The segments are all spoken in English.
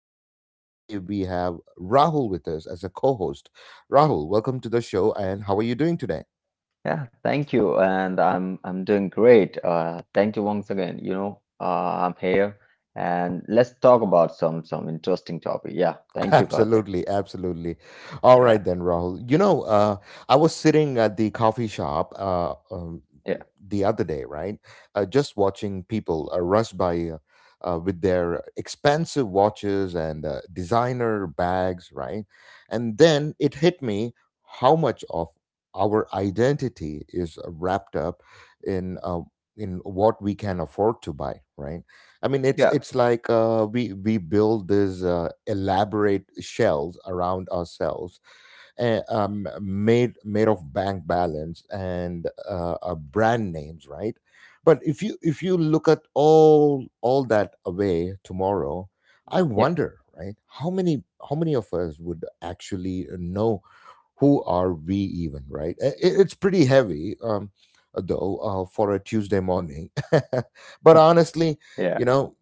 Karthik, and today we have Rahul with us as a co host. Rahul, welcome to the show, and how are you doing today? Yeah, thank you. And I'm doing great. Thank you once again. You know, I'm here and let's talk about some interesting topic. Yeah, thank you, Karthik. Absolutely, absolutely. All Yeah, right then, Rahul. I was sitting at the coffee shop yeah, the other day, right? Just watching people rush by with their expensive watches and designer bags, right? And then it hit me how much of our identity is wrapped up in uh, in what we can afford to buy, right? I mean, it's yeah, it's like we build these elaborate shells around ourselves, made of bank balance and brand names, right? But if you look at all that away tomorrow, I yeah, wonder, right? How many of us would actually know who are we even, right? It's pretty heavy, though, for a Tuesday morning. But honestly, you yeah. know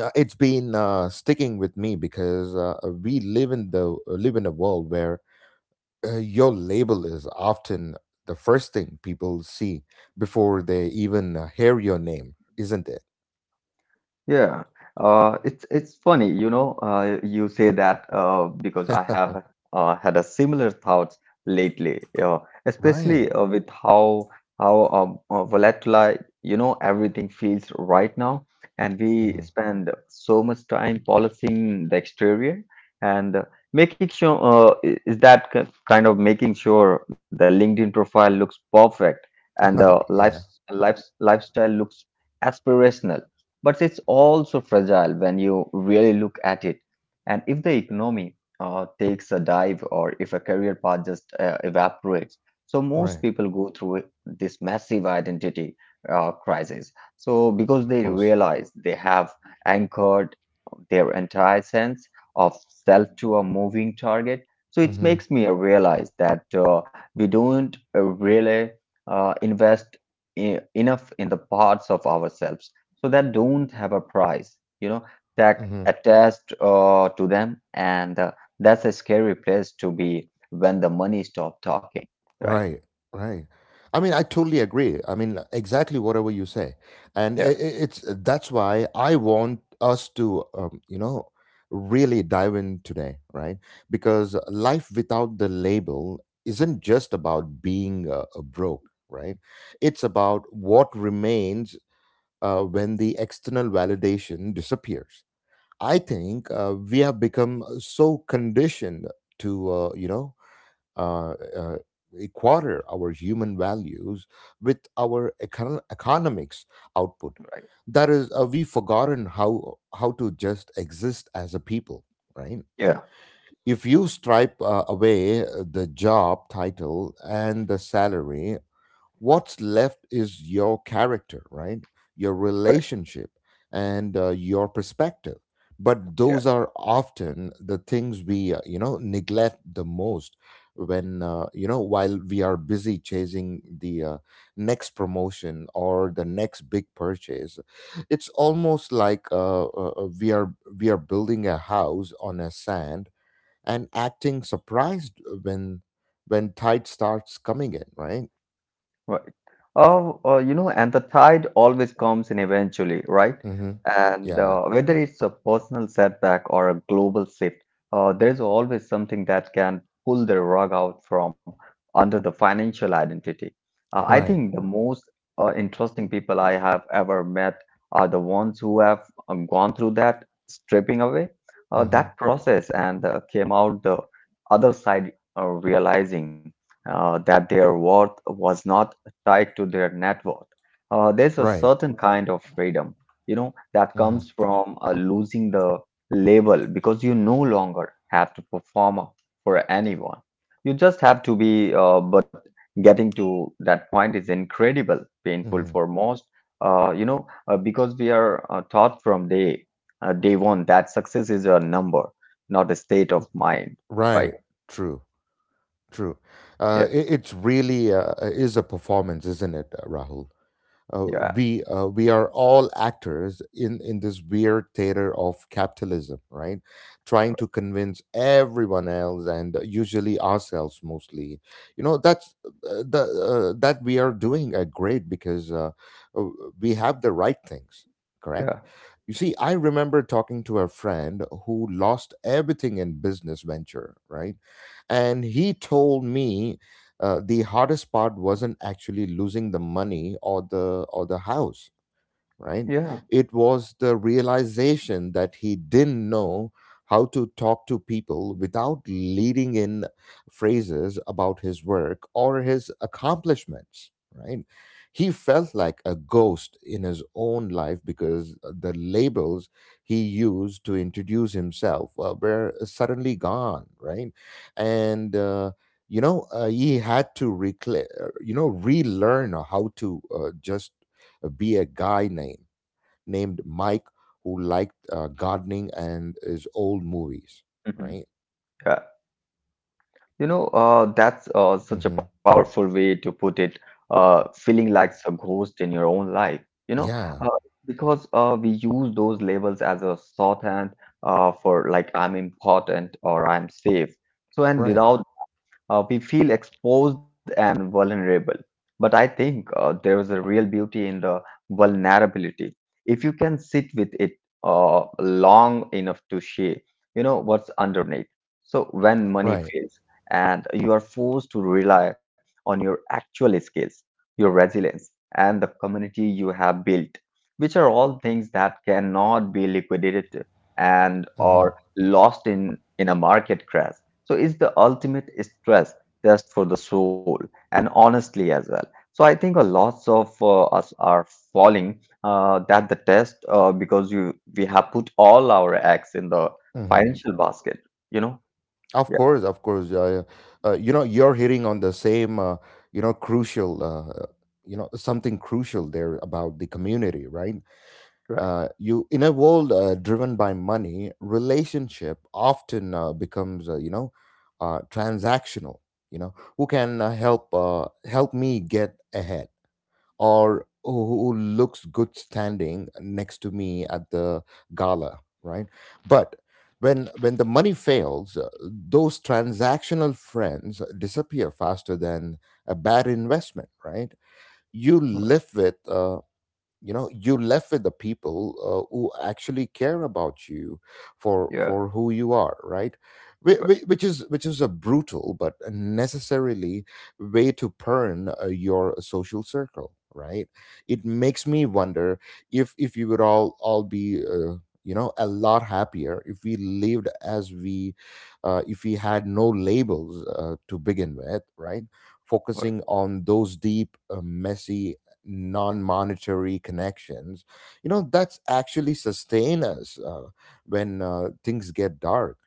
it's been sticking with me because we live in the live in a world where your label is often the first thing people see before they even hear your name, isn't it? Yeah, it's funny, you know, you say that because I have had a similar thoughts lately, uh, especially Right. uh, with how volatile, you know, everything feels right now, and we Hmm. spend so much time polishing the exterior and making sure kind of making sure the LinkedIn profile looks perfect and the life Yeah. life lifestyle looks aspirational, but it's also fragile when you really look at it. And if the economy takes a dive or if a career path just evaporates, so most Right. people go through this massive identity crisis, So because Of they course. realize they have anchored their entire sense of self to a moving target. So it Hmm. makes me realize that we don't really invest enough in the parts of ourselves so that don't have a price, you know, that Hmm. attached to them, and that's a scary place to be when the money stop talking, right? Right, right. I mean, I totally agree. I mean, exactly whatever you say, and Yeah, it's that's why I want us to, you know, really dive in today, right? Because life without the label isn't just about being broke, right? It's about what remains when the external validation disappears. I think we have become so conditioned to, uh, uh, equator our human values with our econ- economics output. That is, we've forgotten how to just exist as a people, right? yeah, If you stripe away the job title and the salary, what's left is your character, right? Your relationship and your perspective, but those yeah. are often the things we, neglect the most when, while we are busy chasing the next promotion or the next big purchase. It's almost like we are building a house on a sand and acting surprised when tide starts coming in, right? Right. Oh, you know, and the tide always comes in eventually, right? Mm-hmm. And Yeah. Whether it's a personal setback or a global shift, there's always something that can pull the rug out from under the financial identity. I Right. think the most interesting people I have ever met are the ones who have gone through that stripping away, Mm-hmm. that process, and came out the other side realizing that their worth was not tied to their net worth. There's a Right. certain kind of freedom, you know, that Mm-hmm. comes from losing the label, because you no longer have to perform for anyone. You just have to be, but getting to that point is incredible, painful Mm-hmm. for most, you know, because we are taught from day one that success is a number, not a state of mind. Right? Right. True. True. Yeah. It's really is a performance, isn't it, Rahul? uh, Yeah. we are all actors in this weird theater of capitalism, right? Trying to convince everyone else and usually ourselves mostly, you know, that we are doing great because uh, we have the right things, correct? Yeah. You see, I remember talking to a friend who lost everything in business venture, right? And he told me the hardest part wasn't actually losing the money or the house, right? Yeah. It was the realization that he didn't know how to talk to people without leading in phrases about his work or his accomplishments, right? He felt like a ghost in his own life because the labels he used to introduce himself were suddenly gone, right? And he had to relearn how to just be a guy named Mike who liked gardening and his old movies, Yeah. Hmm. right? You know, that's such a Hmm. powerful way to put it, feeling like some ghost in your own life, you know, Yeah, uh, because we use those labels as a shorthand for like I'm important or I'm safe. So, and right, without we feel exposed and vulnerable. But I think there is a real beauty in the vulnerability. If you can sit with it long enough to share, you know what's underneath. So when money right. fails and you are forced to rely on your actual skills, your resilience, and the community you have built, which are all things that cannot be liquidated and Hmm. or lost in a market crash, so it's the ultimate stress test for the soul, and honestly as well. So I think a lots of us are falling that the test, because you we have put all our eggs in the Hmm. financial basket. You know? Of Yeah. course, of course. You're hitting on the same, crucial, something crucial there about the community, right? Right. You in a world driven by money, relationship often becomes, transactional. You know, who can help me get ahead? Or who looks good standing next to me at the gala, right? But when the money fails, those transactional friends disappear faster than a bad investment, right? You Right. live with you left with the people who actually care about you Yeah. for who you are, right? Right. Which is a brutal but necessarily way to earn your social circle, right? It makes me wonder if you would all be a lot happier if we lived as we if we had no labels to begin with, right? Right. Focusing on those deep messy non-monetary connections, you know, that's actually sustain us when things get dark,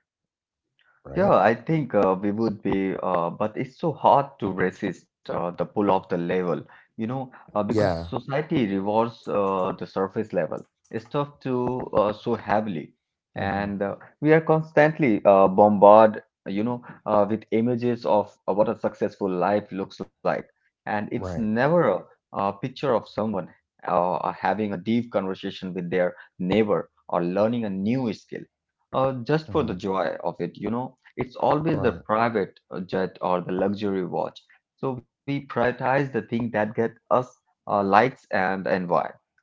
Yeah, right? I think we would be, but it's so hard to resist the pull of the level, you know, because Yeah. society rewards the surface level stuff too so heavily, Hmm. and we are constantly bombarded, you know, with images of what a successful life looks like, and it's Right. never a picture of someone having a deep conversation with their neighbor or learning a new skill, just for the Hmm. joy of it, you know, it's always the Right, private jet or the luxury watch. So we prioritize the thing that get us likes and envy,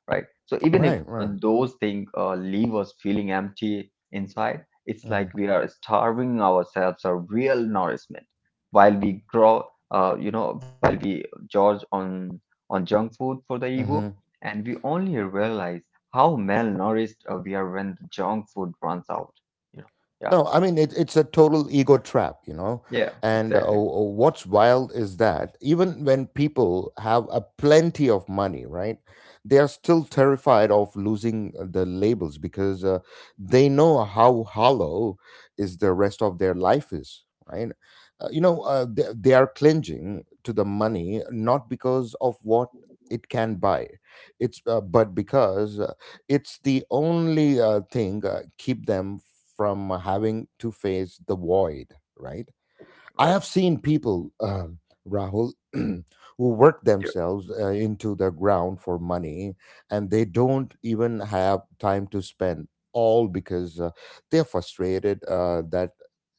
right? So even if right, right. those things leave us feeling empty inside, it's Hmm. like we are starving ourselves of real nourishment while we grow, you know, while we gorge on junk food for the ego, Hmm. and we only realize how malnourished we are when the junk food runs out. You know, yeah, No, I mean it's a total ego trap, you know. yeah, And exactly. What's wild is that even when people have a plenty of money, right, they are still terrified of losing the labels because they know how hollow is the rest of their life is, right? They are clinging to the money not because of what it can buy, it's but because it's the only thing keep them from having to face the void, right? I have Right. seen people, Rahul, who work Yeah. themselves into the ground for money, and they don't even have time to spend, all because they're frustrated that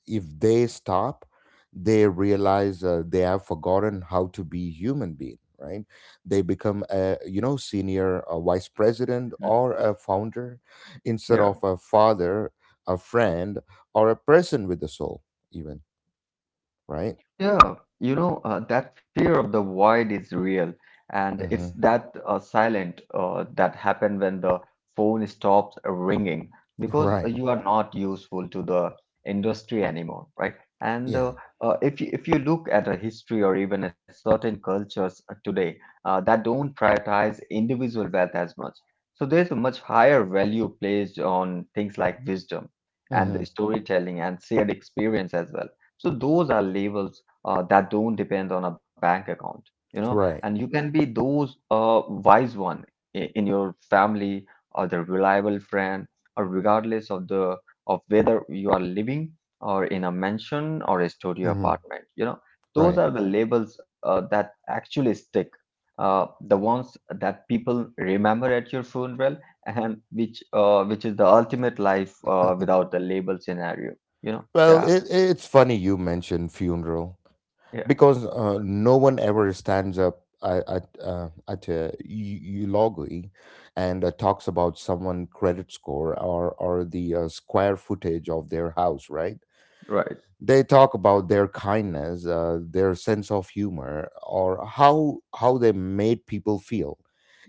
if they stop, they realize they have forgotten how to be human being, right? They become a, you know, senior a vice president Mhm. or a founder instead Yeah. of a father, a friend, or a person with a soul, even, right? Yeah, you know, that fear of the void is real, and it's Hmm. that silent that happen when the phone stops ringing because Right. you are not useful to the industry anymore, right? And Yeah. If you look at a history or even at certain cultures today that don't prioritize individual wealth as much, so there's a much higher value placed on things like wisdom and Hmm. storytelling and shared experience as well. So those are labels that don't depend on a bank account, you know, and Right. you can be those wise one in your family or the reliable friend, or regardless of the of whether you are living or in a mansion or a studio Hmm. apartment, you know, those Right. are the labels that actually stick. The ones that people remember at your funeral, and which is the ultimate life without the label scenario, you know? Well, Yeah, it's funny you mentioned funeral yeah, because no one ever stands up at a eulogy and talks about someone' credit score, or the square footage of their house, right? right, They talk about their kindness, their sense of humor, or how they made people feel.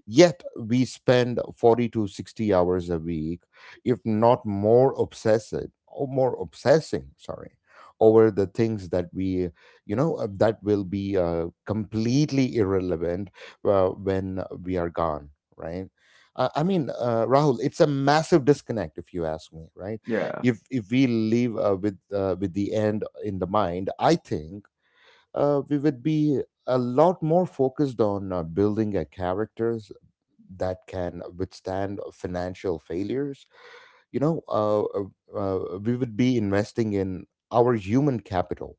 Yet we spend 40 to 60 hours a week, if not more obsessive or more obsessing, sorry, over the things that we, you know, that will be completely irrelevant when we are gone, right? I mean, Rahul, it's a massive disconnect if you ask me, right? yeah. If we live with the end in the mind, I think we would be a lot more focused on building a character that can withstand financial failures, you know, uh, uh, we would be investing in our human capital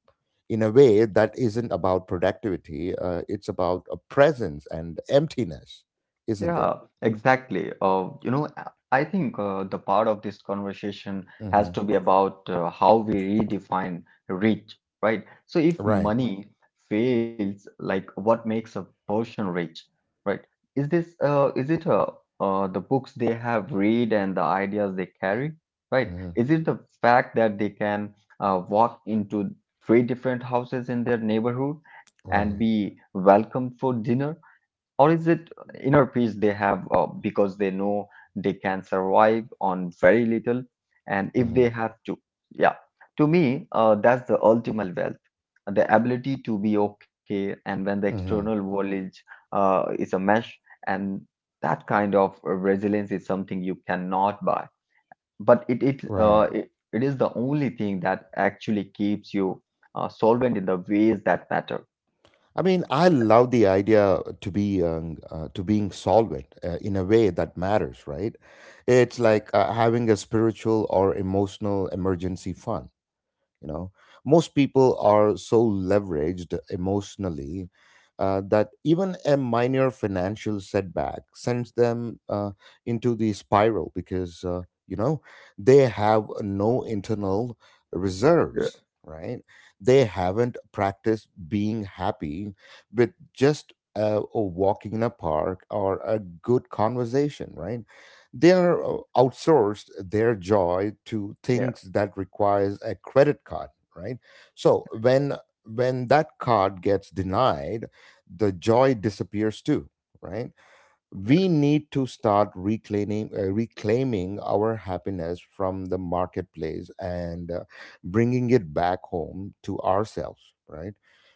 in a way that isn't about productivity. It's about a presence and emptiness, isn't Yeah, it? exactly. You know, I think the part of this conversation has Hmm. to be about how we redefine rich, right? So if Right. money fails, like what makes a person rich, right? Is it the books they have read and the ideas they carry, right? Hmm. Is it the fact that they can walk into three different houses in their neighborhood and Right. be welcomed for dinner? Or is it inner peace they have because they know they can survive on very little and if they Hmm. have to? Yeah. To me, that's the ultimate wealth. The ability to be okay and when the external Hmm. world is a mesh, and that kind of resilience is something you cannot buy. But Right. It is the only thing that actually keeps you solvent in the ways that matter. I mean, I love the idea to be to being solvent in a way that matters, right? It's like having a spiritual or emotional emergency fund, you know. Most people are so leveraged emotionally that even a minor financial setback sends them into the spiral because you know they have no internal reserves, right? They haven't practiced being happy with just a walking in a park or a good conversation, right? They are outsourced their joy to Yeah. things that requires a credit card, right? So when that card gets denied, the joy disappears too, right? We need to start reclaiming reclaiming our happiness from the marketplace and bringing it back home to ourselves, right?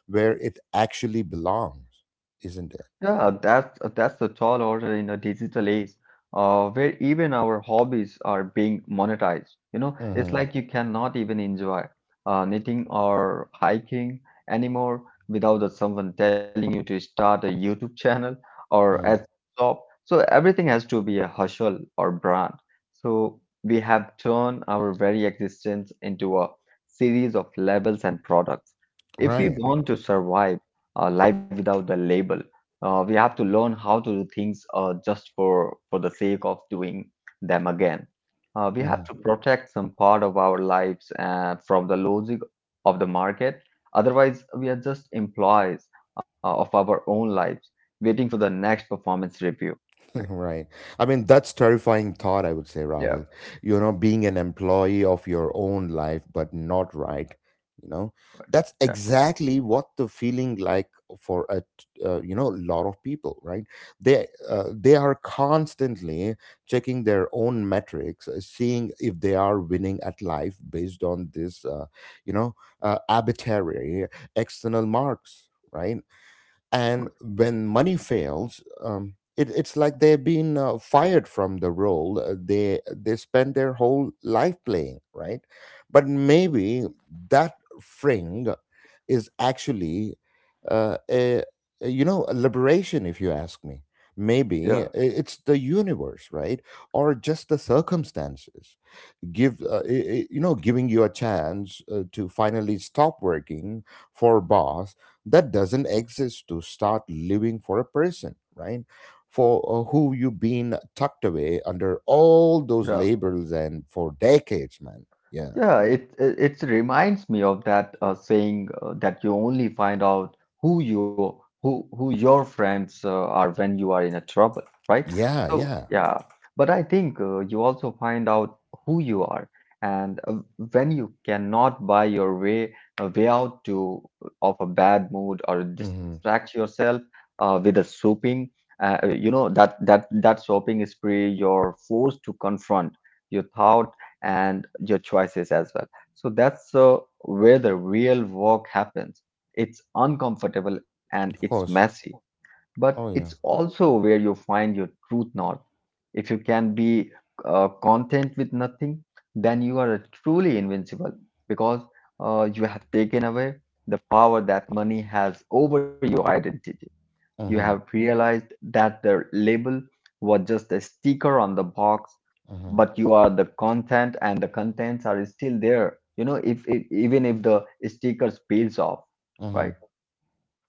Where it actually belongs, isn't it? Yeah, that's the tall order in a digital age, where even our hobbies are being monetized. You know, it's Mm-hmm. like you cannot even enjoy knitting or hiking anymore without the someone telling you to start a YouTube channel or Hmm. a shop. So everything has to be a hustle or brand. So we have turned our very existence into a series of labels and products. If we Right. want to survive life without the label. We have to learn how to do things just for the sake of doing them again. We have Mm-hmm. to protect some part of our lives from the logic of the market. Otherwise, we are just employees of our own lives, waiting for the next performance review. Right? Right. I mean, that's terrifying thought, I would say, Yeah. Rahul. You know, being an employee of your own life, but not, right. You know, that's Yeah. exactly what the feeling like for a lot of people, right? They are constantly checking their own metrics, seeing if they are winning at life based on this, you know, arbitrary external marks. Right, and when money fails, it's like they've been fired from the role they spend their whole life playing, right? But maybe that fring is actually uh, a, a, you know, a liberation, if you ask me. Yeah. Maybe it's the universe, right, or just the circumstances give giving you a chance to finally stop working for a boss that doesn't exist, to start living for a person, right? For who you've been tucked away under all those Yeah. labels and for decades, man. Yeah. Yeah, it reminds me of that saying that you only find out who your friends are when you are in a trouble, right? Yeah. So Yeah. yeah, but I think you also find out who you are, and when you cannot buy your way a way out to of a bad mood or Hmm. distract yourself with a soaping, you know that soaping spree you're forced to confront your thoughts and your choices as well. So that's where the real work happens. It's uncomfortable and it's Of course. messy, but Oh it's yeah. also where you find your truth north. If you can be content with nothing, then you are truly invincible, because you have taken away the power that money has over your identity. You have Mm-hmm. realized that the label was just a sticker on the box, Mm-hmm. but you are the content, and the contents are still there, you know, if even if the stickers peels off, Mm-hmm. right?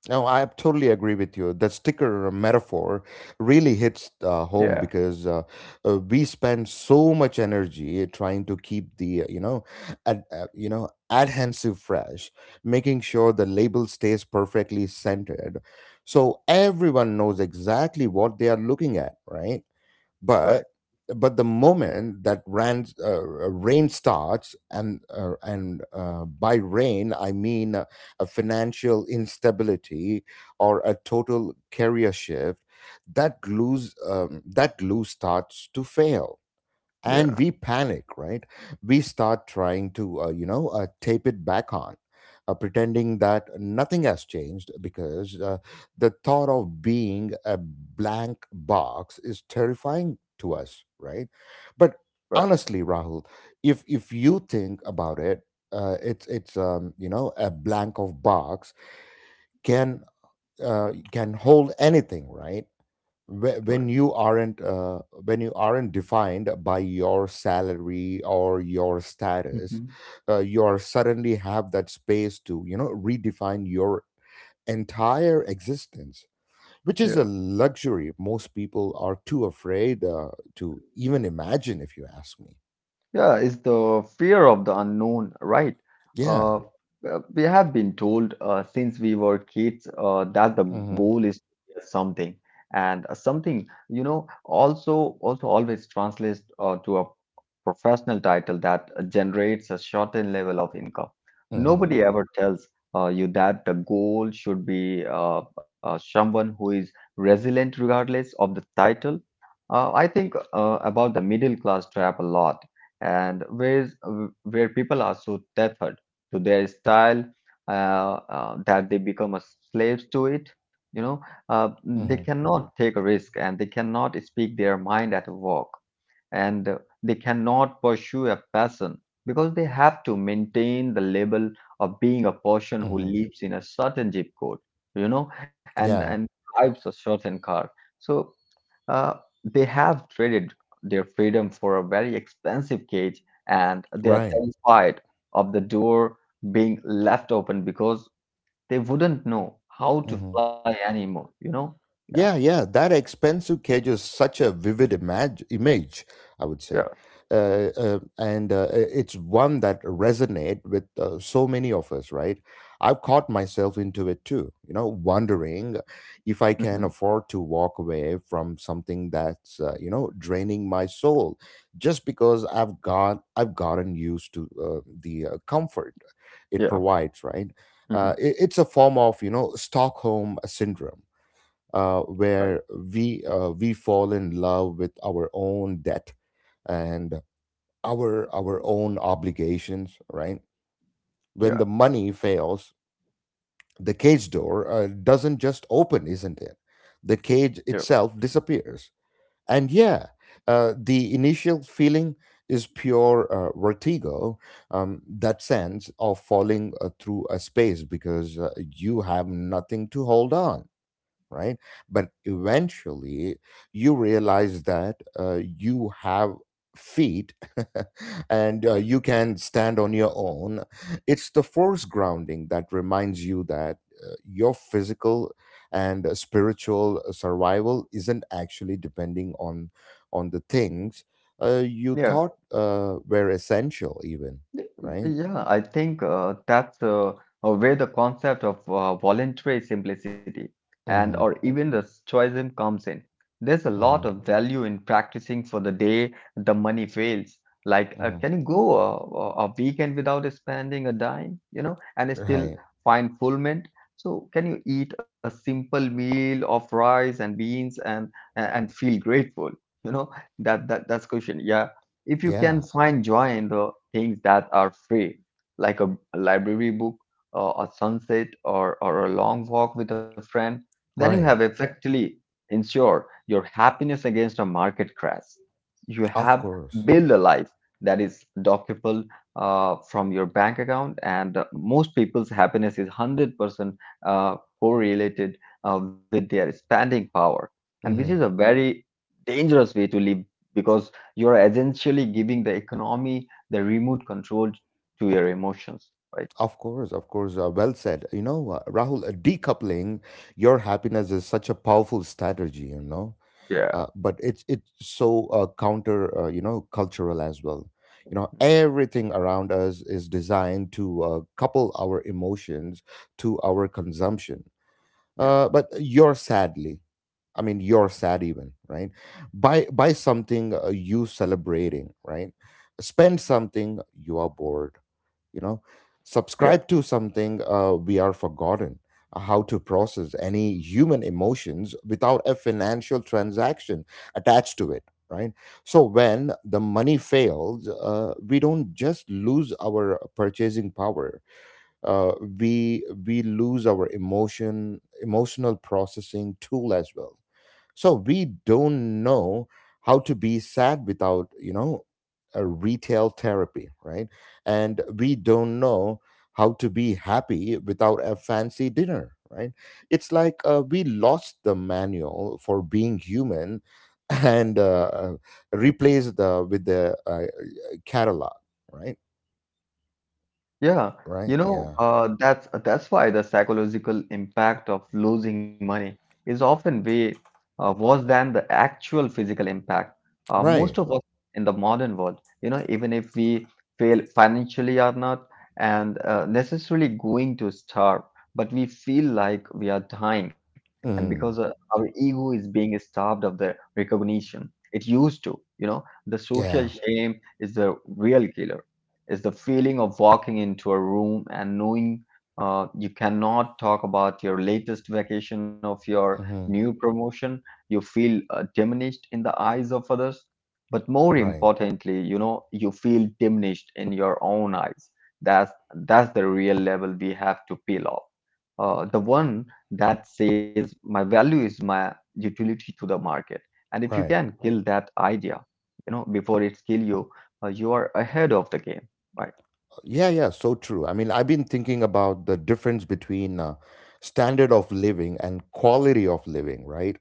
No, I totally agree with you. That sticker metaphor really hits Yeah. home because we spend so much energy trying to keep the adhesive fresh, making sure the label stays perfectly centered, so everyone knows exactly what they are looking at, right? Right. but but the moment that rain starts and by rain I mean a financial instability or a total career shift that glue starts to fail and Yeah. we panic, right? We start trying to tape it back on, pretending that nothing has changed because the thought of being a blank box is terrifying to us, right? but Right. Honestly, Rahul, if you think about it, it's a blank of box can can hold anything, right? whe- Right. when you aren't defined by your salary or your status, Mhm. You are suddenly have that space to, you know, redefine your entire existence, which is a luxury most people are too afraid to even imagine if you ask me. Yeah, it's the fear of the unknown, right? Yeah. We have been told since we were kids that the goal Mhm. is to be something, and something, you know, also always translates to a professional title that generates a certain level of income. Mhm. Nobody ever tells you that the goal should be someone who is resilient regardless of the title. I think about the middle class trap a lot and ways where people are so tethered to their style, uh, that they become a slaves to it. You know, they Mhm. cannot take a risk and they cannot speak their mind at work, and they cannot pursue a passion because they have to maintain the label of being a person who Mhm. lives in a certain zip code, you know, and Yeah. drives a certain car. So uh, they have traded their freedom for a very expensive cage, and they are Right. terrified of the door being left open because they wouldn't know how to Mm-hmm. fly anymore, you know? Yeah, Yeah, that expensive cage is such a vivid image, I would yeah. say. Uh, uh, and uh, i- it's one that resonate with so many of us, right? I've caught myself into it too, you know, wondering if I Hmm. can afford to walk away from something that's, draining my soul just because I've gotten used to the comfort it Yeah. provides, right? Hmm. It's a form of, you know, Stockholm syndrome, Right. where we fall in love with our own debt and our own obligations, right? When Yeah, the money fails, the cage door doesn't just open, isn't it? The cage yeah, itself disappears, and yeah, the initial feeling is pure vertigo, that sense of falling through a space because you have nothing to hold on, right? But eventually, you realize that you have feet and you can stand on your own. It's the force grounding that reminds you that your physical and spiritual survival isn't actually depending on the things you yeah. thought were essential, even, right? Yeah, I think that's where the concept of voluntary simplicity and or Mm-hmm. even the stoicism comes in. There's a lot Mm-hmm. of value in practicing for the day the money fails. Like, Mm-hmm. can you go a weekend without spending a dime, and still Right. find fulfillment? So, can you eat a simple meal of rice and beans and feel grateful? You know, that's question. Yeah, if you can Yeah. find joy in the things that are free, like a library book, or a sunset, or a long walk with a friend, then you have Right. effectively ensured your happiness against a market crash. You Of have course. built a life that is dockable from your bank account, and most people's happiness is 100% correlated with their spending power, and which is a Mm-hmm. very dangerous way to live because you are essentially giving the economy the remote control to your emotions. Right. Of course, of course. Well said. You know, Rahul, decoupling your happiness is such a powerful strategy. You know, Yeah, but it's so cultural as well. You know, everything around us is designed to couple our emotions to our consumption. yeah, But you're sadly, I mean, you're sad even, right? Buy something, you celebrating, right? Spend something, you are bored, you know. yeah. Subscribe to something, we are forgotten how to process any human emotions without a financial transaction attached to it, right? So when the money fails, we don't just lose our purchasing power, uh, we lose our emotional processing tool as well. So we don't know how to be sad without, you know, a retail therapy, right? And we don't know how to be happy without a fancy dinner, right? It's like we lost the manual for being human and replaced with the catalog, right? Yeah, Right. Yeah. That's why the psychological impact of losing money is often way worse than the actual physical impact. Right. Most of us in the modern world, even if we fail financially or not, and necessarily going to starve, but we feel like we are dying, and because Mhm. our ego is being starved of the recognition it used to, the social Yeah. shame is the real killer, is the feeling of walking into a room and knowing you cannot talk about your latest vacation of your Hmm. new promotion. You feel diminished in the eyes of others, but more Right. importantly, you feel diminished in your own eyes. That's the real level we have to peel off. The one that says my value is my utility to the market, and if you Right. can kill that idea, before it's kill you, you are ahead of the game. Right. Yeah, so true. I mean, I've been thinking about the difference between standard of living and quality of living, right?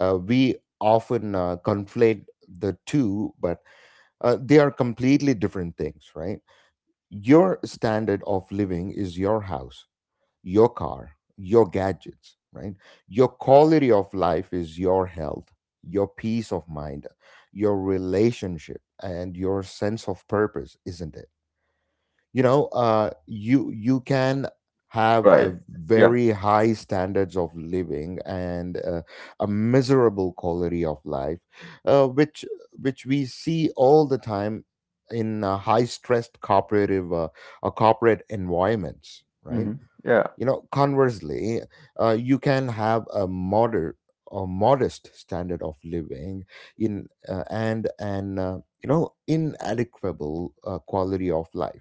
We often conflate the two, but they are completely different things, right? Your standard of living is your house, your car, your gadgets, right? Your quality of life is your health, your peace of mind, your relationship, and your sense of purpose, isn't it? You know, you you can have a Right. Yeah. very high standards of living and a miserable quality of life, uh, which which we see all the time in high stressed cooperative corporate environments, right? Hmm. You Yeah. know, conversely, you can have a moderate or modest standard of living in and an you know inadequate quality of life.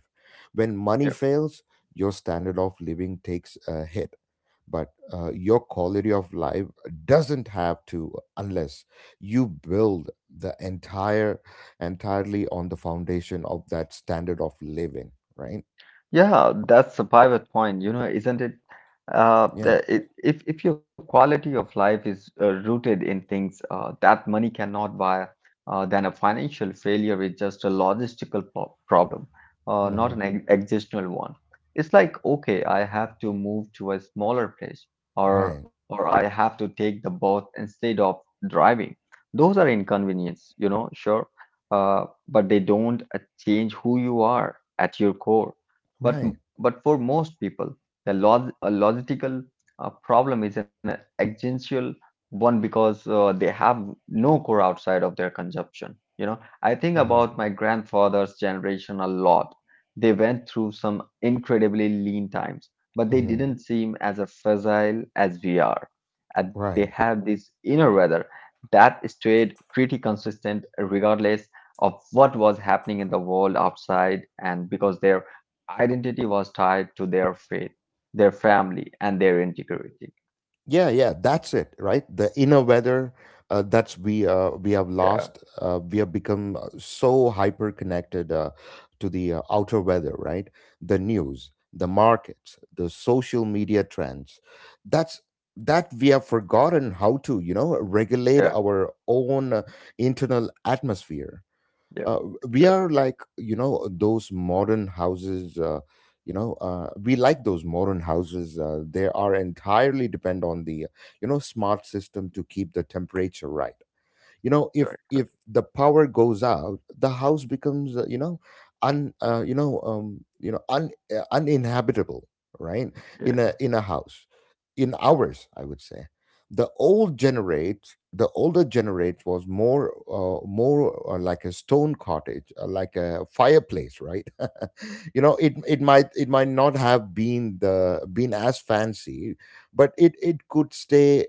When money Yeah. fails, your standard of living takes a hit, but your quality of life doesn't have to, unless you build the entirely on the foundation of that standard of living, right? Yeah, that's a pivot point, isn't it? Yeah. If your quality of life is rooted in things that money cannot buy, then a financial failure is just a logistical po problem, not Hmm. an existential one. It's like, okay, I have to move to a smaller place, Right. or I have to take the boat instead of driving. Those are inconvenience, sure, but they don't change who you are at your core. But Right. but for most people, the logistical problem is an existential one because they have no core outside of their consumption. I think Mm-hmm. about my grandfather's generation a lot. They went through some incredibly lean times, but they Mhm. didn't seem as a fragile as we are. And they Right. have this inner weather that stayed pretty consistent regardless of what was happening in the world outside, and because their identity was tied to their faith, their family, and their integrity. Yeah, that's it, right? The inner weather that's we have Yeah, lost. We have become so hyper connected to the outer weather, right? The news, the markets, the social media trends. That's that we have forgotten how to, you know, regulate yeah, our own internal atmosphere. yeah. Uh, we That, are like you know those modern houses You know, we like those modern houses, they are entirely depend on the, you know, smart system to keep the temperature right. You know, right, if right. if the power goes out the house becomes, you know un uninhabitable, right? Yeah, In a in a house in ours, I would say the older generate was more more like a stone cottage, like a fireplace, right? You know, it might not have been the been as fancy, but it could stay,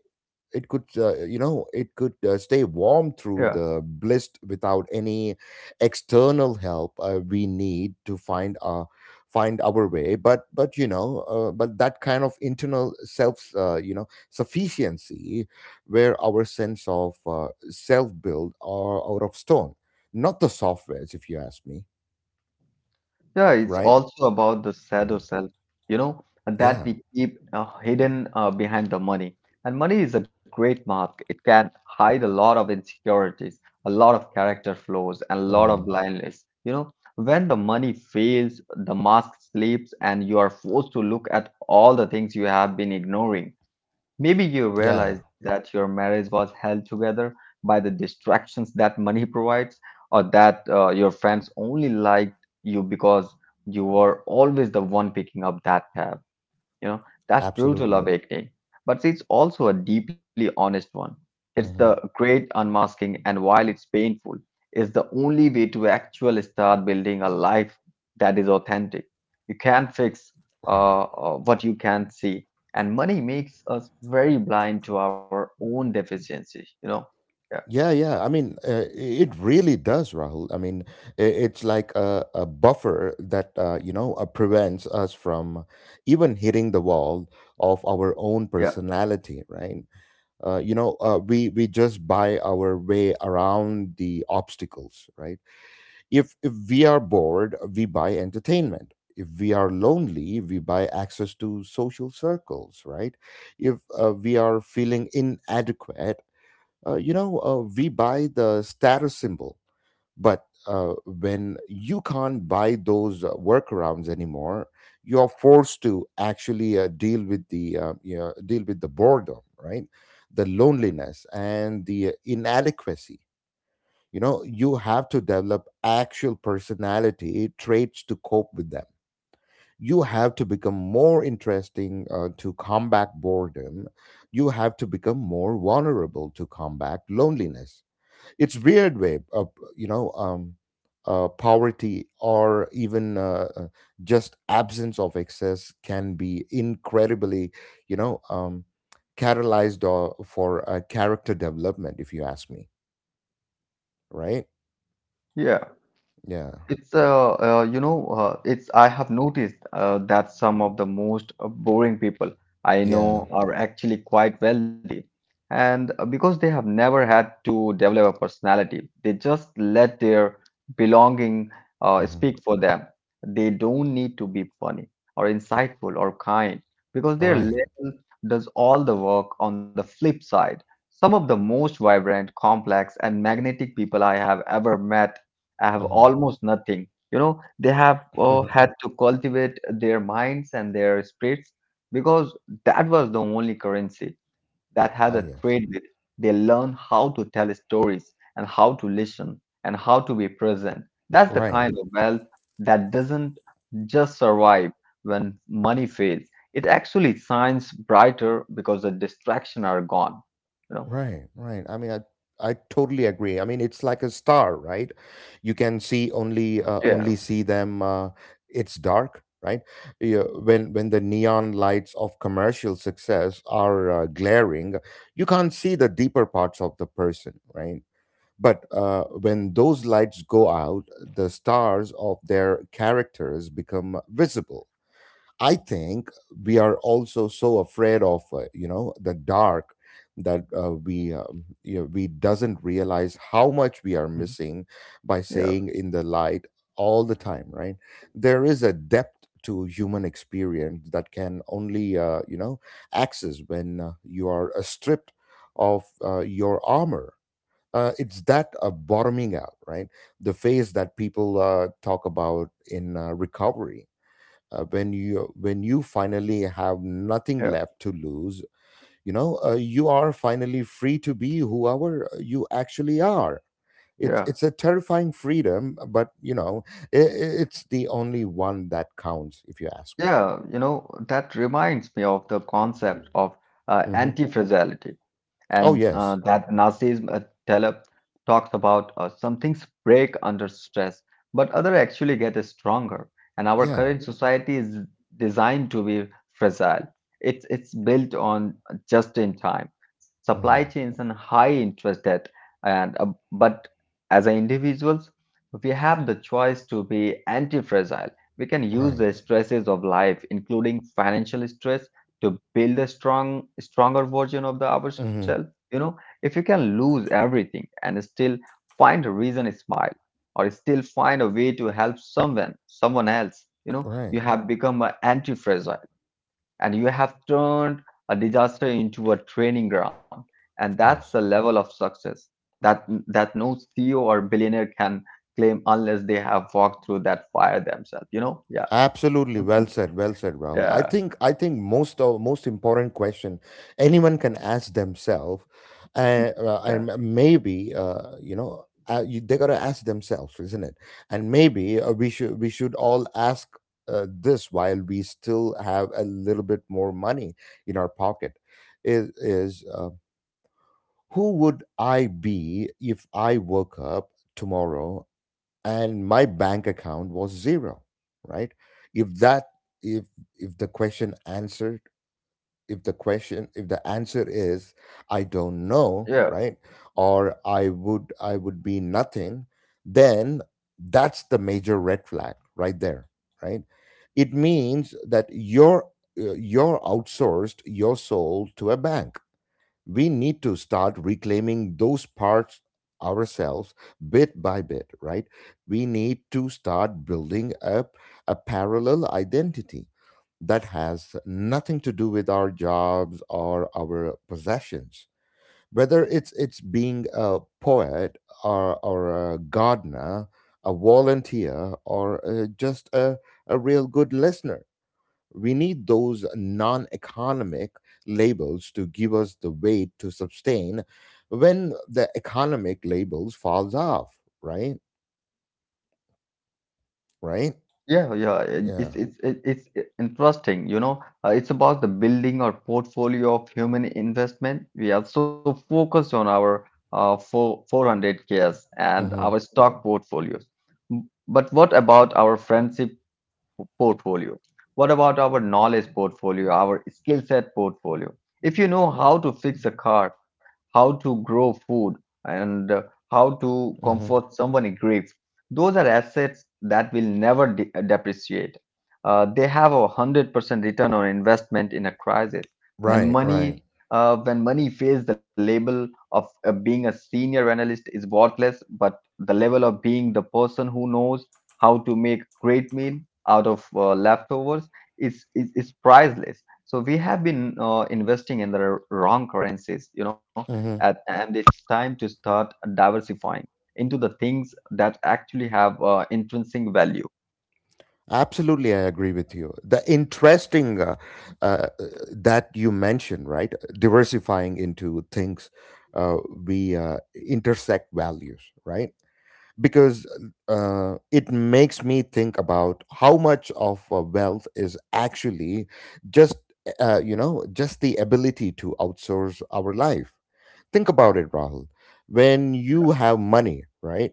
it could stay warm yeah, through the blizzard without any external help. We need to find our way. But you know, but that kind of internal self, sufficiency, where our sense of self build are out of stone, not the softwares, if you ask me, yeah. It's right? also about the shadow Hmm. self, and that Yeah. we keep hidden behind the money. And money is a great mask. It can hide a lot of insecurities, a lot of character flaws, and a lot of Hmm. blindness. When the money fails, the mask slips, and you are forced to look at all the things you have been ignoring. Maybe you Yeah. realize that your marriage was held together by the distractions that money provides, or that your friends only liked you because you were always the one picking up that tab. You know, that's brutal Absolutely. awakening, but it's also a deeply honest one. It's the Hmm. great unmasking, and while it's painful, it's the only way to actually start building a life that is authentic. You can't fix Right. What you can't see, and money makes us very blind to our own deficiency. Yeah, Yeah, yeah. I mean, it really does, Rahul. I mean, it's like a buffer that, prevents us from even hitting the wall of our own yeah, personality, right? We just buy our way around the obstacles, right? If we are bored, we buy entertainment. If we are lonely, we buy access to social circles, right? If we are feeling inadequate, we buy the status symbol, but when you can't buy those workarounds anymore, you are forced to actually deal with the boredom, right? The loneliness and the inadequacy. You know, you have to develop actual personality traits to cope with them. You have to become more interesting to combat boredom. You have to become more vulnerable to combat loneliness. It's weird way of, you know um poverty or even, just absence of excess can be incredibly, you know um catalyzed or for character development, if you ask me, right? yeah. Yeah. It's you know it's I have noticed that some of the most boring people I Yeah. know are actually quite wealthy, and because they have never had to develop a personality, they just let their belonging Hmm. speak for them. They don't need to be funny or insightful or kind because their Right. label does all the work. On the flip side, some of the most vibrant, complex, and magnetic people I have ever met, I have Uh-huh. almost nothing. They have had to cultivate their minds and their spirits because that was the only currency that had a Oh trade yes. with. They learn how to tell stories and how to listen and how to be present. That's the Right. kind of wealth that doesn't just survive when money fails. It actually shines brighter because the distractions are gone. You know? Right, right. I mean, I totally agree. I mean, it's like a star, right? You can see only Yeah. only see them. It's dark, right? Yeah, when the neon lights of commercial success are glaring, you can't see the deeper parts of the person, right? But when those lights go out, the stars of their characters become visible. I think we are also so afraid of, the dark, that we you know we doesn't realize how much we are Mhm. missing by Yeah. saying in the light all the time, right? There is a depth to human experience that can only, access when you are stripped of your armor. It's that bottoming out, right? The phase that people talk about in recovery, when you finally have nothing Yeah. left to lose, you know, you are finally free to be whoever you actually are. it's Yeah. it's a terrifying freedom, but you know, it's the only one that counts, if you ask me. Yeah, that reminds me of the concept of Hmm. anti-fragility, and Oh yes. that Nazism, Taleb talks about. Some things break under stress, but other actually get stronger. And our Yeah. current society is designed to be fragile. It's built on just in time supply Hmm. chains and high interest debt. And but as a individuals, we have the choice to be anti-fragile. We can use Right. the stresses of life, including financial stress, to build a stronger version of the ourselves. Hmm. If you can lose everything and still find a reason to smile, or still find a way to help someone else, you Right. have become an anti-fragile, and you have turned a disaster into a training ground. And Of that's the course. level of success that no CEO or billionaire can claim unless they have walked through that fire themselves. Yeah. Absolutely, well said, Rahul. Yeah, I think most of most important question anyone can ask themselves, Mm. uh, Yeah, and maybe you know you, they gotta ask themselves, isn't it? And maybe we should all ask this while we still have a little bit more money in our pocket. Is Who would I be if I woke up tomorrow and my bank account was zero, right? if that if if the question answered, if the answer is I don't know, yeah, right, or I would, be nothing, then that's the major red flag right there, right? It means that you're, you're outsourced your soul to a bank. We need to start reclaiming those parts ourselves, bit by bit, right? We need to start building up a parallel identity that has nothing to do with our jobs or our possessions, whether it's being a poet, or a gardener, a volunteer, or a real good listener. We need those non economic labels to give us the weight to sustain when the economic labels falls off, right? Right? yeah, yeah. it- Yeah. It's it's it- it's i- interesting, you know. It's about the building or portfolio of human investment. We are so focused on our four 400Ks and our Mm-hmm. stock portfolios. But what about our friendship portfolio? What about our knowledge portfolio, our skill set portfolio? If you know how to fix a car, how to grow food, and how to Mm-hmm. comfort someone in grief, those are assets that will never depreciate. They have a 100% return on investment in a crisis. When Right, right. money when money fails, the label of being a senior analyst is worthless, but the level of being the person who knows how to make great meal out of leftovers is priceless. So we have been investing in the wrong currencies, hmm and it's time to start diversifying into the things that actually have intrinsic value. Absolutely, I agree with you. The interesting uh, that you mentioned, right? Diversifying into things uh, we intersect values, right? Because it makes me think about how much of wealth is actually just just the ability to outsource our life. Think about it, Rahul. When you have money, right?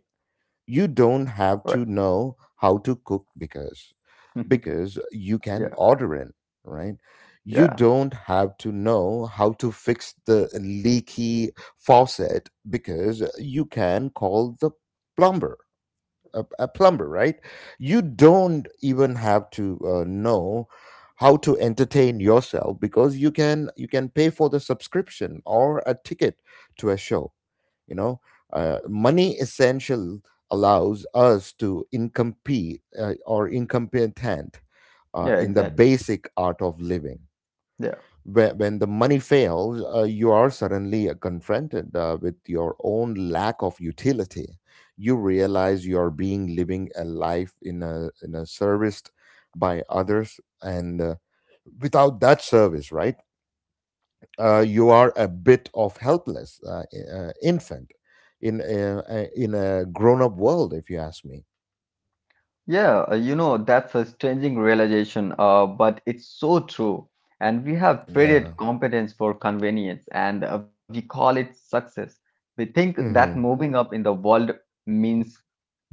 You don't have Right? to know how to cook because you can Yeah, order in, right? You yeah, don't have to know how to fix the leaky faucet because you can call the plumber, a plumber, right? You don't even have to know how to entertain yourself because you can pay for the subscription or a ticket to a show. You know, Money essential allows us to incompetent yeah, in the exactly. basic art of living. Yeah. When the money fails, you are suddenly confronted with your own lack of utility. You realize you are being living a life in a serviced by others, and without that service, right? You are a bit of helpless infant in a grown up world, if you ask me. Yeah, that's a strange realization, but it's so true. And we have Yeah. traded competence for convenience, and we call it success. We think that Mm-hmm. moving up in the world means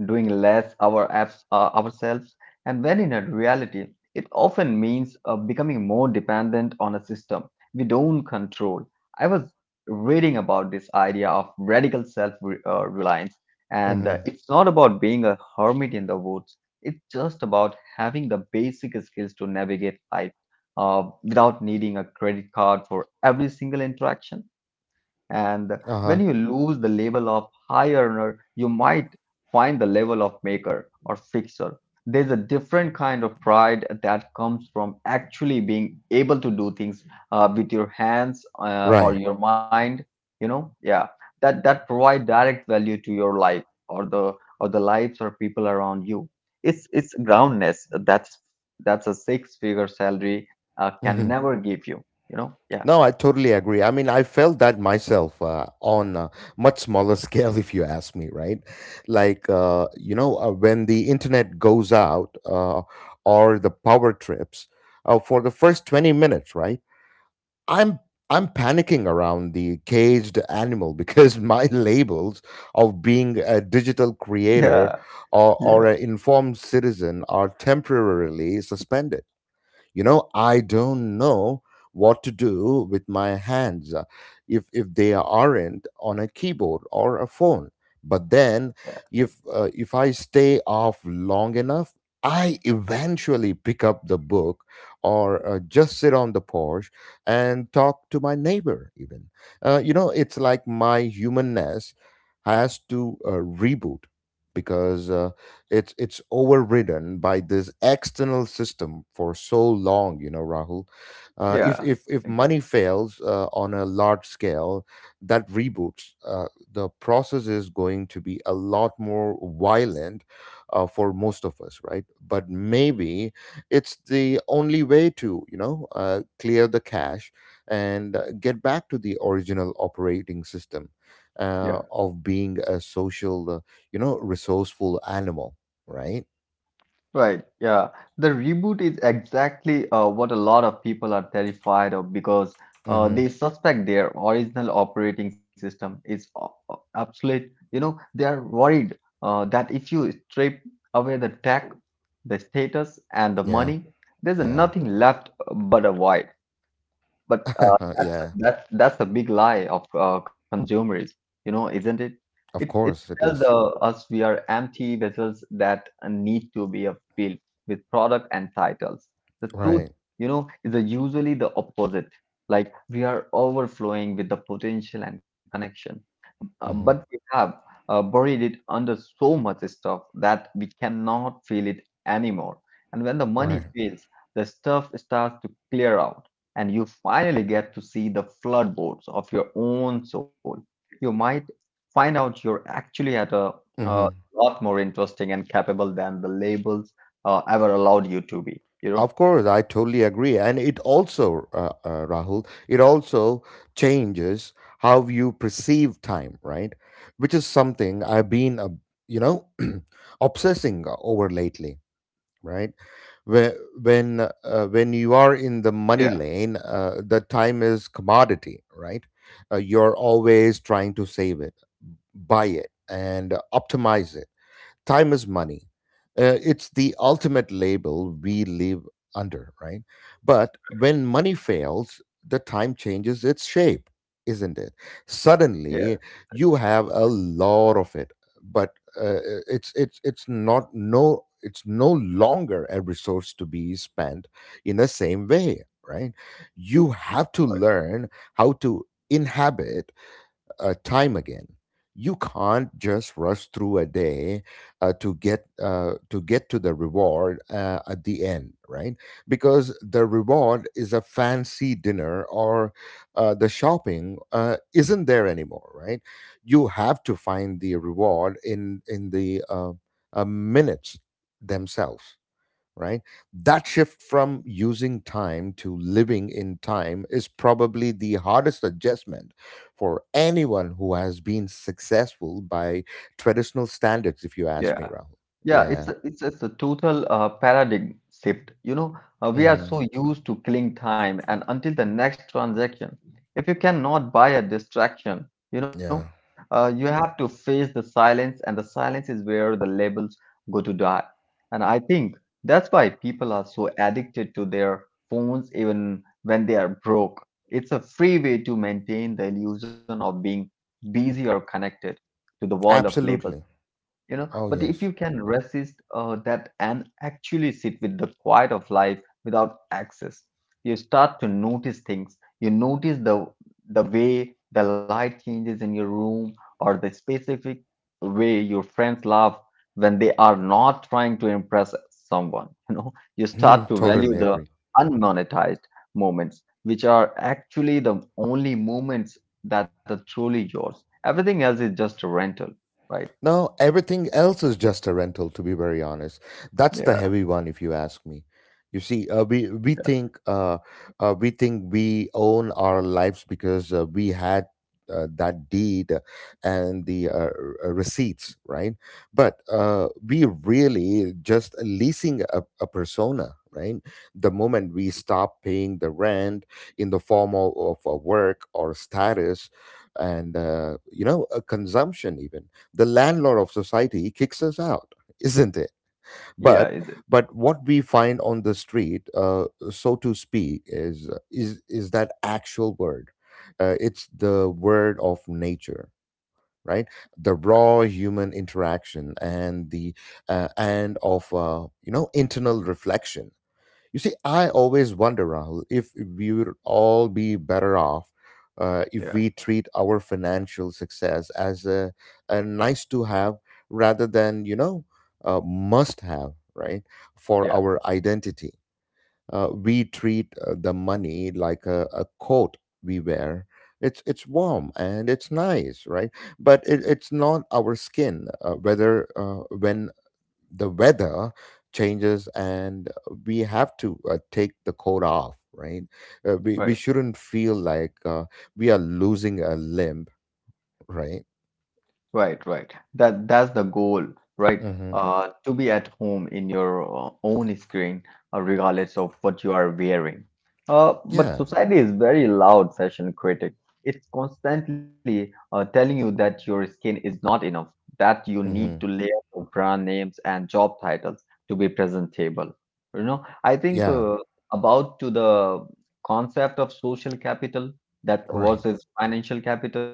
doing less ourselves, and when in a reality, it often means becoming more dependent on a system we don't control. I was reading about this idea of radical self-reliance, and Mm-hmm. it's not about being a hermit in the woods. It's just about having the basic skills to navigate life without needing a credit card for every single interaction. And when Uh you huh. lose the label of high earner, you might find the level of maker or fixer. There's a different kind of pride that comes from actually being able to do things with your hands or Right. your mind, yeah, that provide direct value to your life, or the lives or people around you. It's groundness. That's a six-figure salary can Mm-hmm. never give you, yeah, No, I totally agree. I mean, I felt that myself on a much smaller scale, if you ask me, right? Like, when the internet goes out, or the power trips for the first 20 minutes, right? I'm I'm panicking around the caged animal because my labels of being a digital creator, yeah. or an informed citizen are temporarily suspended. You know, I don't know what to do with my hands, if they aren't on a keyboard or a phone. But then, if I stay off long enough, I eventually pick up the book, or just sit on the porch and talk to my neighbor even. You know, it's like my humanness has to reboot, because it's overridden by this external system for so long. You know, Rahul, uh, if Yeah, if if money exactly. fails on a large scale, that reboots, the process is going to be a lot more violent for most of us, right? But maybe it's the only way to, clear the cache and get back to the original operating system Yeah, of being a social, resourceful animal, right? right. Yeah, the reboot is exactly what a lot of people are terrified of because Mm-hmm. they suspect their original operating system is obsolete. They are worried that if you strip away the tech, the status, and the Yeah, money, there's yeah, nothing left but a void. But that's yeah. The big lie of consumerism, isn't it? Of It course it tells is. Us we are empty vessels that need to be filled with product and titles. The truth, Right. Is usually the opposite. Like we are overflowing with the potential and connection. But Mm-hmm. we have buried it under so much stuff that we cannot feel it anymore. And when the money Right. fails, the stuff starts to clear out, and you finally get to see the floodboards of your own soul. You might find out you're actually at a Mm-hmm. lot more interesting and capable than the labels ever allowed you to be. You know? Of course, I totally agree, and it also, Rahul, it also changes how you perceive time, right? Which is something I've been, you know, obsessing over lately, right? Where when you are in the money Yeah, lane, the time is commodity, right? You're always trying to save it, buy it and optimize it. Time is money. It's the ultimate label we live under, right? But when money fails, the time changes its shape, isn't it? yeah, Suddenly, you have a lot of it, but it's not, it's no longer a resource to be spent in the same way, right? You have to learn how to inhabit time again. You can't just rush through a day to get to the reward at the end, right? Because the reward is a fancy dinner, or the shopping isn't there anymore, right? You have to find the reward in the minutes themselves, right? That shift from using time to living in time is probably the hardest adjustment for anyone who has been successful by traditional standards, if you ask me, yeah. Rahul. Yeah, Yeah. it's just a total paradigm shift. We are Hmm. so used to killing time and until the next transaction. If you cannot buy a distraction, you know, Yeah. You have to face the silence, and the silence is where the labels go to die. And I think that's why people are so addicted to their phones even when they are broke. It's a free way to maintain the illusion of being busy or connected to the world of labels. Absolutely. Oh, But if you yes. can resist that and actually sit with the quiet of life without access, you start to notice things. You notice the way the light changes in your room, or the specific way your friends laugh when they are not trying to impress someone. You start to value Totally the agree. unmonetized moments, which are actually the only moments that are truly yours. Everything else is just a rental, right? No, everything else is just a rental, to be very honest. That's the Yeah. heavy one, if you ask me. You see, we think we own our lives because we had that deed and the receipts, right? But we really just leasing a persona, right? The moment we stop paying the rent in the form of work or status, and, a consumption even, the landlord of society kicks us out, isn't it? Yeah, But is it? What we find on the street, so to speak, is that actual word, it's the word of nature, right? The Right. raw human interaction and the and of you know internal reflection. You see, I always wonder, Rahul, if we would all be better off if Yeah. we treat our financial success as a nice to have rather than, you know, a must have, right, for Yeah. our identity. We treat the money like a coat we wear. It's warm and it's nice, right? But it's not our skin, whether when the weather changes, and we have to take the coat off, right? We Right. shouldn't feel like we are losing a limb, right? Right, right. That that's the goal, right? Mm-hmm. To be at home in your own screen, regardless of what you are wearing. But Yeah. society is very loud fashion critic. It's constantly telling you that your skin is not enough, that you need to Mm-hmm. layer of brand names and job titles to be presentable. You know, I think Yeah. About to the concept of social capital that Right. versus financial capital.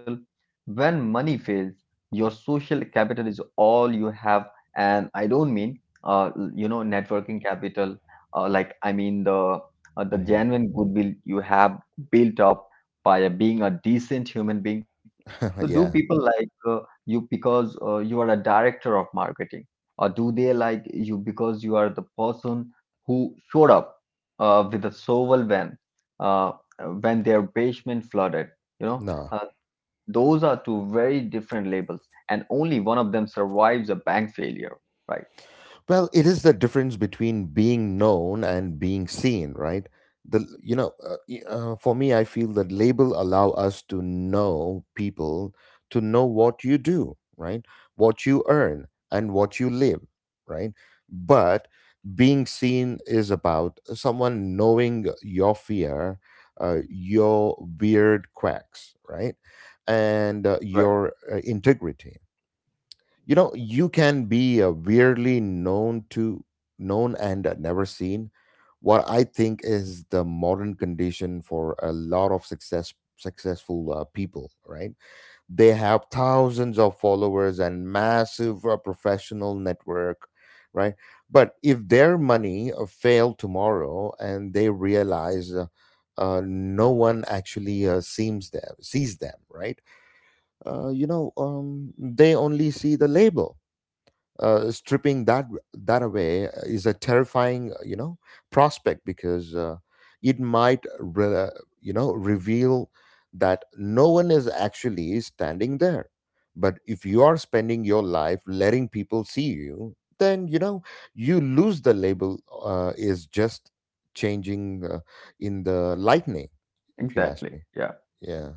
When money fails, your social capital is all you have, and I don't mean networking capital. Like I mean the Mm-hmm. genuine goodwill you have built up by being a decent human being. So do Yeah. people like you because you are a director of marketing, or do they like you because you are the person who showed up with a shovel uh, when their basement flooded? You know. No. Those are two very different labels, and only one of them survives a bank failure, right? Well, it is the difference between being known and being seen, right? The you know, y- For me, I feel that label allow us to know people, to know what you do, right? What you earn and what you live, right? But being seen is about someone knowing your fear, your weird quacks, right, and Right, your integrity. You know, you can be a weirdly known and never seen. What I think is the modern condition for a lot of successful people, right? They have thousands of followers and massive professional network, right? But if their money fail tomorrow and they realize, no one actually seems them sees them, right? They only see the label. Stripping that away is a terrifying, prospect, because it might, reveal that no one is actually standing there. But if you are spending your life letting people see you, then, you know, you lose the label is just changing in the lightning, if you ask exactly. me. Yeah. Yeah.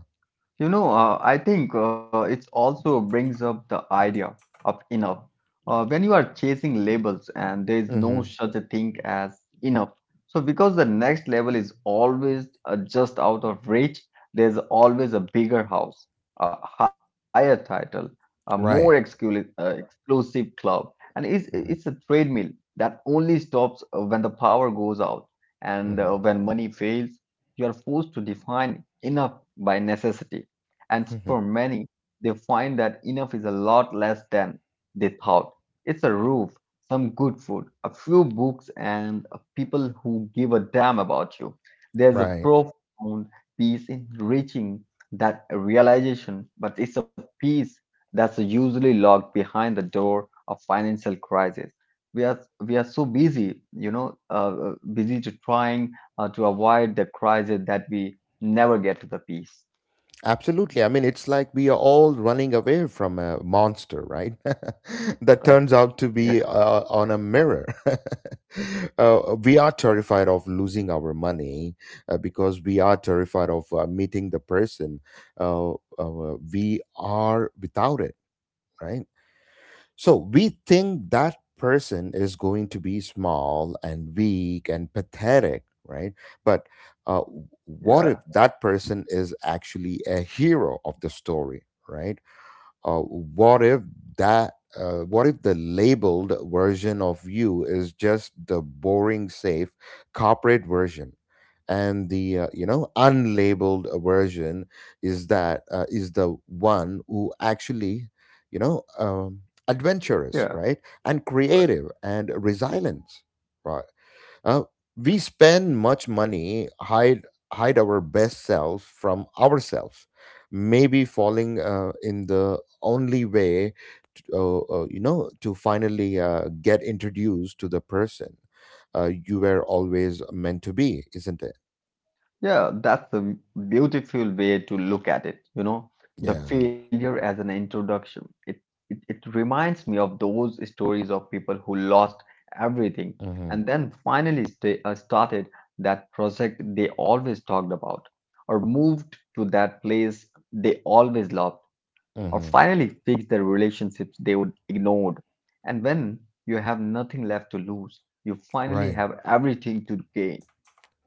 You know, I think it also brings up the idea of enough. When you are chasing labels, and there is no Hmm. such a thing as enough. So, because the next level is always just out of reach, there's always a bigger house, a higher title, a more Right. Exclusive club. And it's, Hmm. it's a treadmill that only stops when the power goes out, and when money fails, you are forced to define enough by necessity. And for Hmm. many, they find that enough is a lot less than they thought. It's a roof, some good food, a few books, and people who give a damn about you. There's a Right. profound peace in reaching that realization, but it's a peace that's usually locked behind the door of financial crisis. We are so busy, busy to trying to avoid the crisis that we never get to the peace, Absolutely. I mean, it's like we are all running away from a monster, right? That right? turns out to be on a mirror. We are terrified of losing our money because we are terrified of meeting the person. Uh, we are without it, right? So we think that person is going to be small and weak and pathetic, right? But uh, what Yeah, if that person is actually a hero of the story, right? What if that? What if the labeled version of you is just the boring, safe corporate version, and the, unlabeled version is that is the one who actually, you know um, adventurous, yeah, right, and right. creative and resilient, right. Uh, we spend much money hide our best selves from ourselves. Maybe falling in the only way, to finally get introduced to the person you were always meant to be, isn't it? Yeah, that's a beautiful way to look at it, you know, the Yeah. failure as an introduction. It reminds me of those stories of people who lost everything, Mm-hmm. and then finally started that project they always talked about, or moved to that place they always loved, or Mm-hmm. finally fixed the relationships they would ignored. And when you have nothing left to lose, you finally Right. have everything to gain.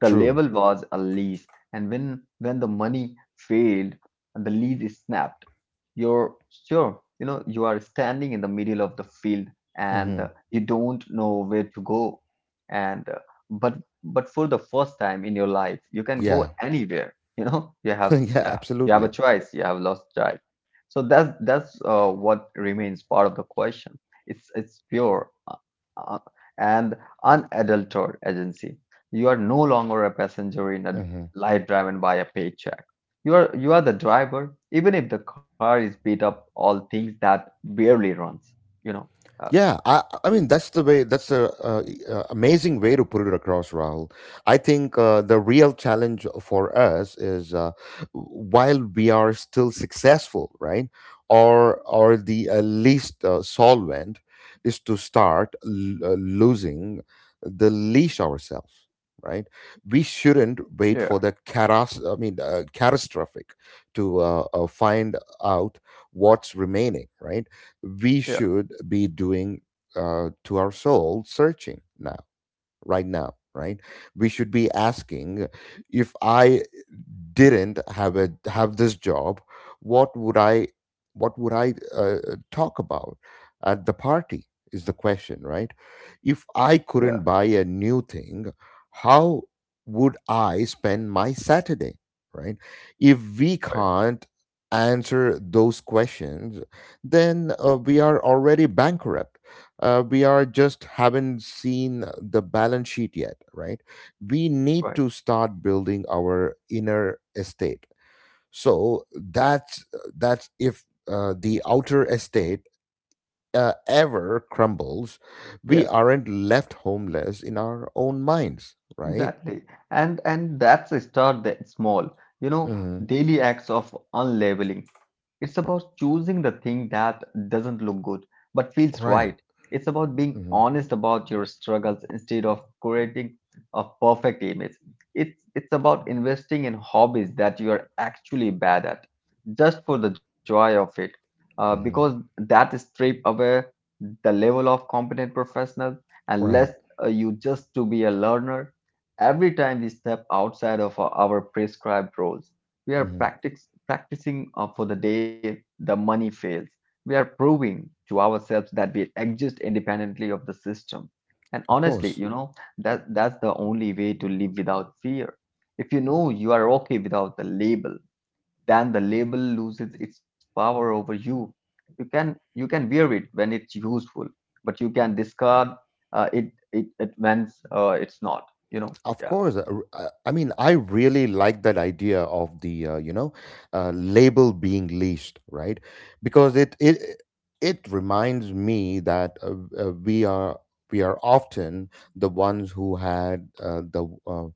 The True. label was a lease, and when the money failed and the lease is snapped, you're sure, you know, you are standing in the middle of the field, and Mm-hmm. you don't know where to go. And but for the first time in your life, you can go Yeah. anywhere. You know, you have, Yeah. yeah, you have Absolutely. a choice. You have lost child. So that's what remains part of the question. It's pure uh, and unadulterated agency. You are no longer a passenger in a Mm-hmm. life driven by a paycheck. You are the driver, even if the car is beat up, all things that barely runs. You know. Uh, I mean that's the way. That's the amazing way to put it across, Rahul. I think the real challenge for us is, while we are still successful, right, or the least solvent, is to start losing the leash ourselves, right? We shouldn't wait yeah, for the caras. I mean, catastrophic to find out what's remaining, right? We yeah, should be doing to our soul searching now, right now, right? We should be asking, if I didn't have this job, what would I talk about at the party? Is the question, right? If I yeah. couldn't buy a new thing, how would I spend my Saturday? Right? If we Right, can't answer those questions, then we are already bankrupt. We are just haven't seen the balance sheet yet, right? We need right. to start building our inner estate, so that's if the outer estate ever crumbles, we Yeah. aren't left homeless in our own minds, right? Exactly. And that's a start that small, you know, Hmm. daily acts of unlabeling. It's about choosing the thing that doesn't look good but feels Right. right. It's about being Hmm. honest about your struggles instead of creating a perfect image. It's about investing in hobbies that you are actually bad at, just for the joy of it. Because Hmm. that strip away the level of competent professional and Right. less, you just to be a learner. Every time we step outside of our prescribed roles, we are Hmm. Practicing for the day the money fails. We are proving to ourselves that we exist independently of the system. And Of honestly, course. you know, that's the only way to live without fear. If you know you are okay without the label, then the label loses its power over you. You can wear it when it's useful, but you can discard it when it's not. You know. Of Yeah. course, I mean, I really like that idea of the, label being leased, right? Because it it reminds me that we are often the ones who had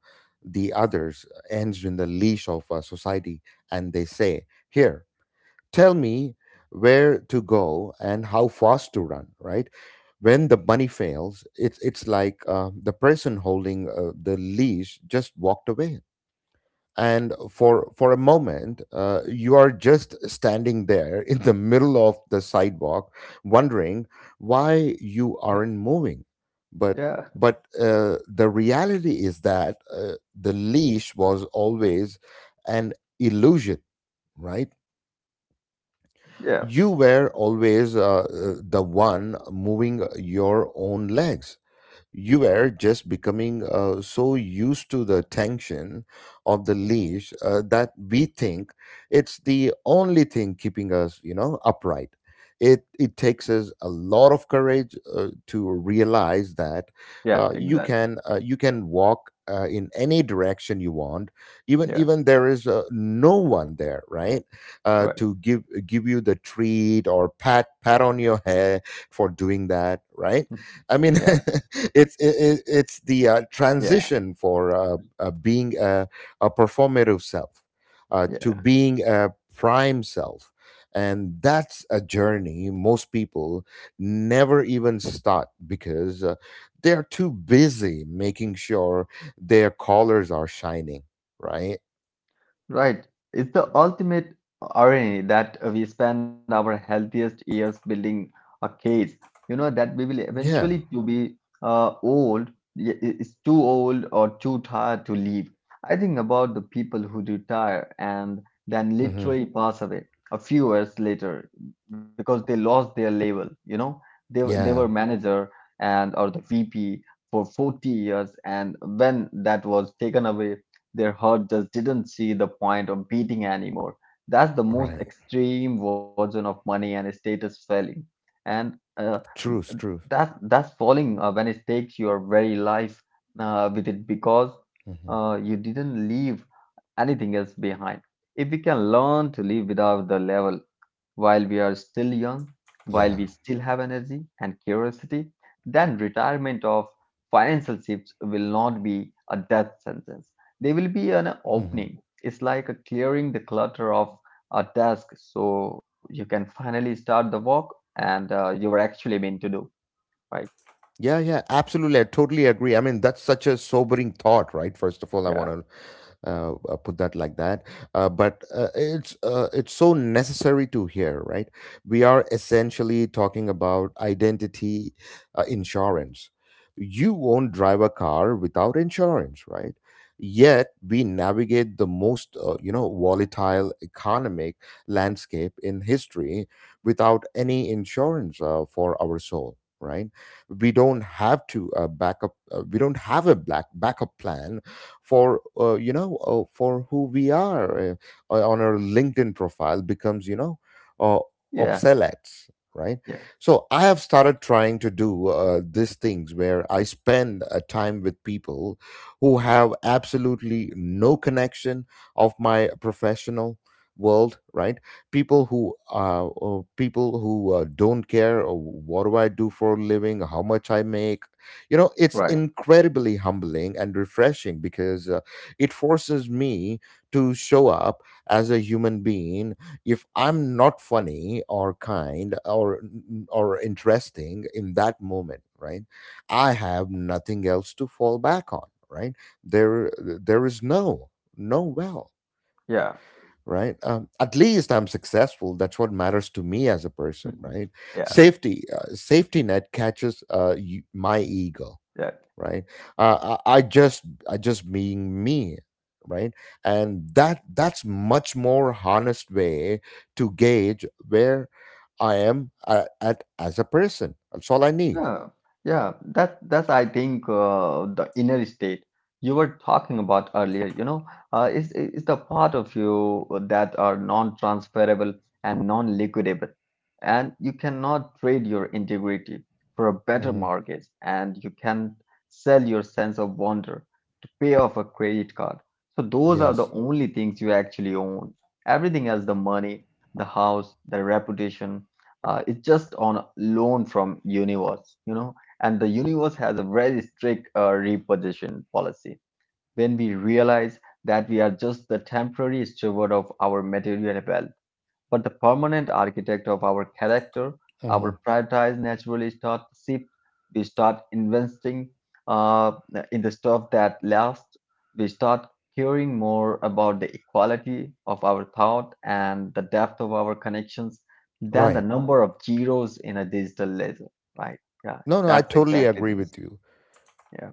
the others ends in the leash of society, and they say, here, tell me where to go and how fast to run, right? When the bunny fails, it's like the person holding the leash just walked away, and for a moment you are just standing there in the middle of the sidewalk, wondering why you Yeah, aren't moving. but yeah, but uh, the reality is that, the leash was always an illusion, right? yeah, You were always the one moving your own legs. You were just becoming so used to the tension of the leash that we think it's the only thing keeping us, you know, upright. It takes us a lot of courage to realize that yeah, you exactly. can, you can walk in any direction you want, even Yeah, there is no one there, right? Right. To give, you the treat or pat, on your head for doing that, right? Mm. I mean, Yeah, it's the yeah, transition for, being a performative self to being a prime self, and that's a journey most people never even start because, they're too busy making sure their colors are shining. Right? right. It's the ultimate irony that we spend our healthiest years building a case, you know, that we will Yeah. eventually to be old, is too old or too tired to leave. I think about the people who retire and then Hmm. literally pass away a few years later because they lost their level, you know. They were Yeah. manager and or the VP for 40 years, and when that was taken away, their heart just didn't see the point of beating anymore. That's the most Right. extreme version of money and status selling. And uh, Truth. Truth. that's that's falling when it takes your very life with it, because Hmm. You didn't leave anything else behind. If we can learn to live without the level while we are still young, while we Yeah. still have energy and curiosity, then retirement of financial shifts will not be a death sentence. They will be an Hmm. opening. It's like a clearing the clutter of a desk, so you can finally start the work and you were actually meant to do, right? Yeah, yeah, absolutely. I totally agree. I mean, that's such a sobering thought, right? First of all, I Yeah, want to put that like that. But it's, it's so necessary to hear, right? We are essentially talking about identity insurance. You won't drive a car without insurance, right? Yet we navigate the most, you know, volatile economic landscape in history without any insurance for our soul, right? We don't have to, backup. We don't have a black backup plan for, you know, for who we are, on our LinkedIn profile becomes, you know, uh, yeah, obsolete, right? yeah, So I have started trying to do these things where I spend a time with people who have absolutely no connection of my professional world, right? People who, people who, don't care what do I do for a living, how much I make. You know, it's right, incredibly humbling and refreshing because, it forces me to show up as a human being. If I'm not funny or kind or interesting in that moment, right, I have nothing else to fall back on, right? There is no, no well, yeah, right? At least I'm successful, that's what matters to me as a person, right? yeah, Safety, safety net catches, my ego, yeah. right? I just, I just being me, right? And that's much more honest way to gauge where I am at, as a person. That's all I need. Yeah, yeah, that's, I think, the inner state you were talking about earlier, you know, is the part of you that are non-transferable and non-liquidable, and you cannot trade your integrity for a better Mm-hmm. mortgage, and you can sell your sense of wonder to pay off a credit card. So those are the Yes. only things you actually own. Everything else, the money, the house, the reputation, it's just on loan from universe, you know. And the universe has a very strict repossession policy. When we realize that we are just the temporary steward of our material wealth but the permanent architect of our character, Mm-hmm. our priorities naturally start to shift. We start investing uh, in the stuff that lasts. We start caring more about the equality of our thought and the depth of our connections than the Right. number of zeros in a digital ledger, right? Yeah, No, no, I that's totally exactly agree things. with you. Yeah,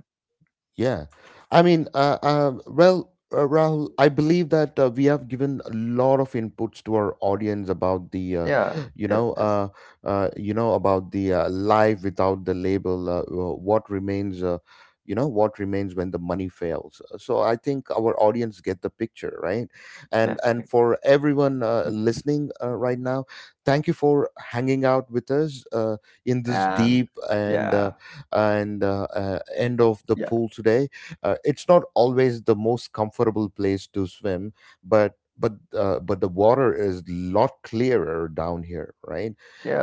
Yeah, I mean, well, Rahul, I believe that we have given a lot of inputs to our audience about the, yeah, you yes, know, yes, you know, about the life without the label. What remains, you know, what remains when the money fails. So I think our audience get the picture, right? yeah, And for everyone listening right now, thank you for hanging out with us in this and deep and. yeah, And end of the yeah, pool today. It's not always the most comfortable place to swim, but but the water is lot clearer down here, right?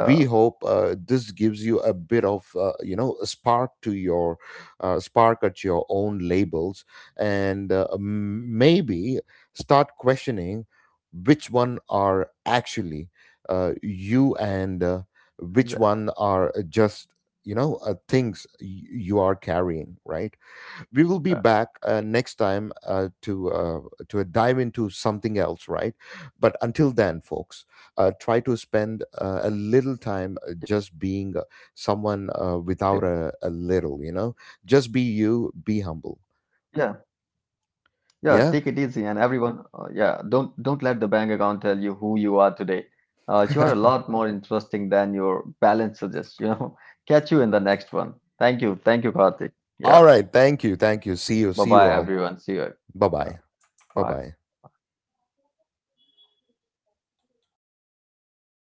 We hope this gives you a bit of, you know, a spark to your spark at your own labels, and maybe start questioning which one are actually you, and which that- one are just, you know, things you are carrying, right? We will be yeah, back next time to dive into something else, right? But until then, folks, try to spend a little time yeah. just being, someone without a, a little, you know, just be you, Yeah. be humble. Yeah, take it easy. And Yeah. everyone, yeah, don't let the bank account tell you who you are today. You are a lot more interesting than your balance suggests, you know. Catch you in the next one. Thank you. Thank you, Karthik. Yeah. All right, thank you, see you, Bye-bye, all. everyone. See you. Bye Yeah. bye. Bye Bye. bye.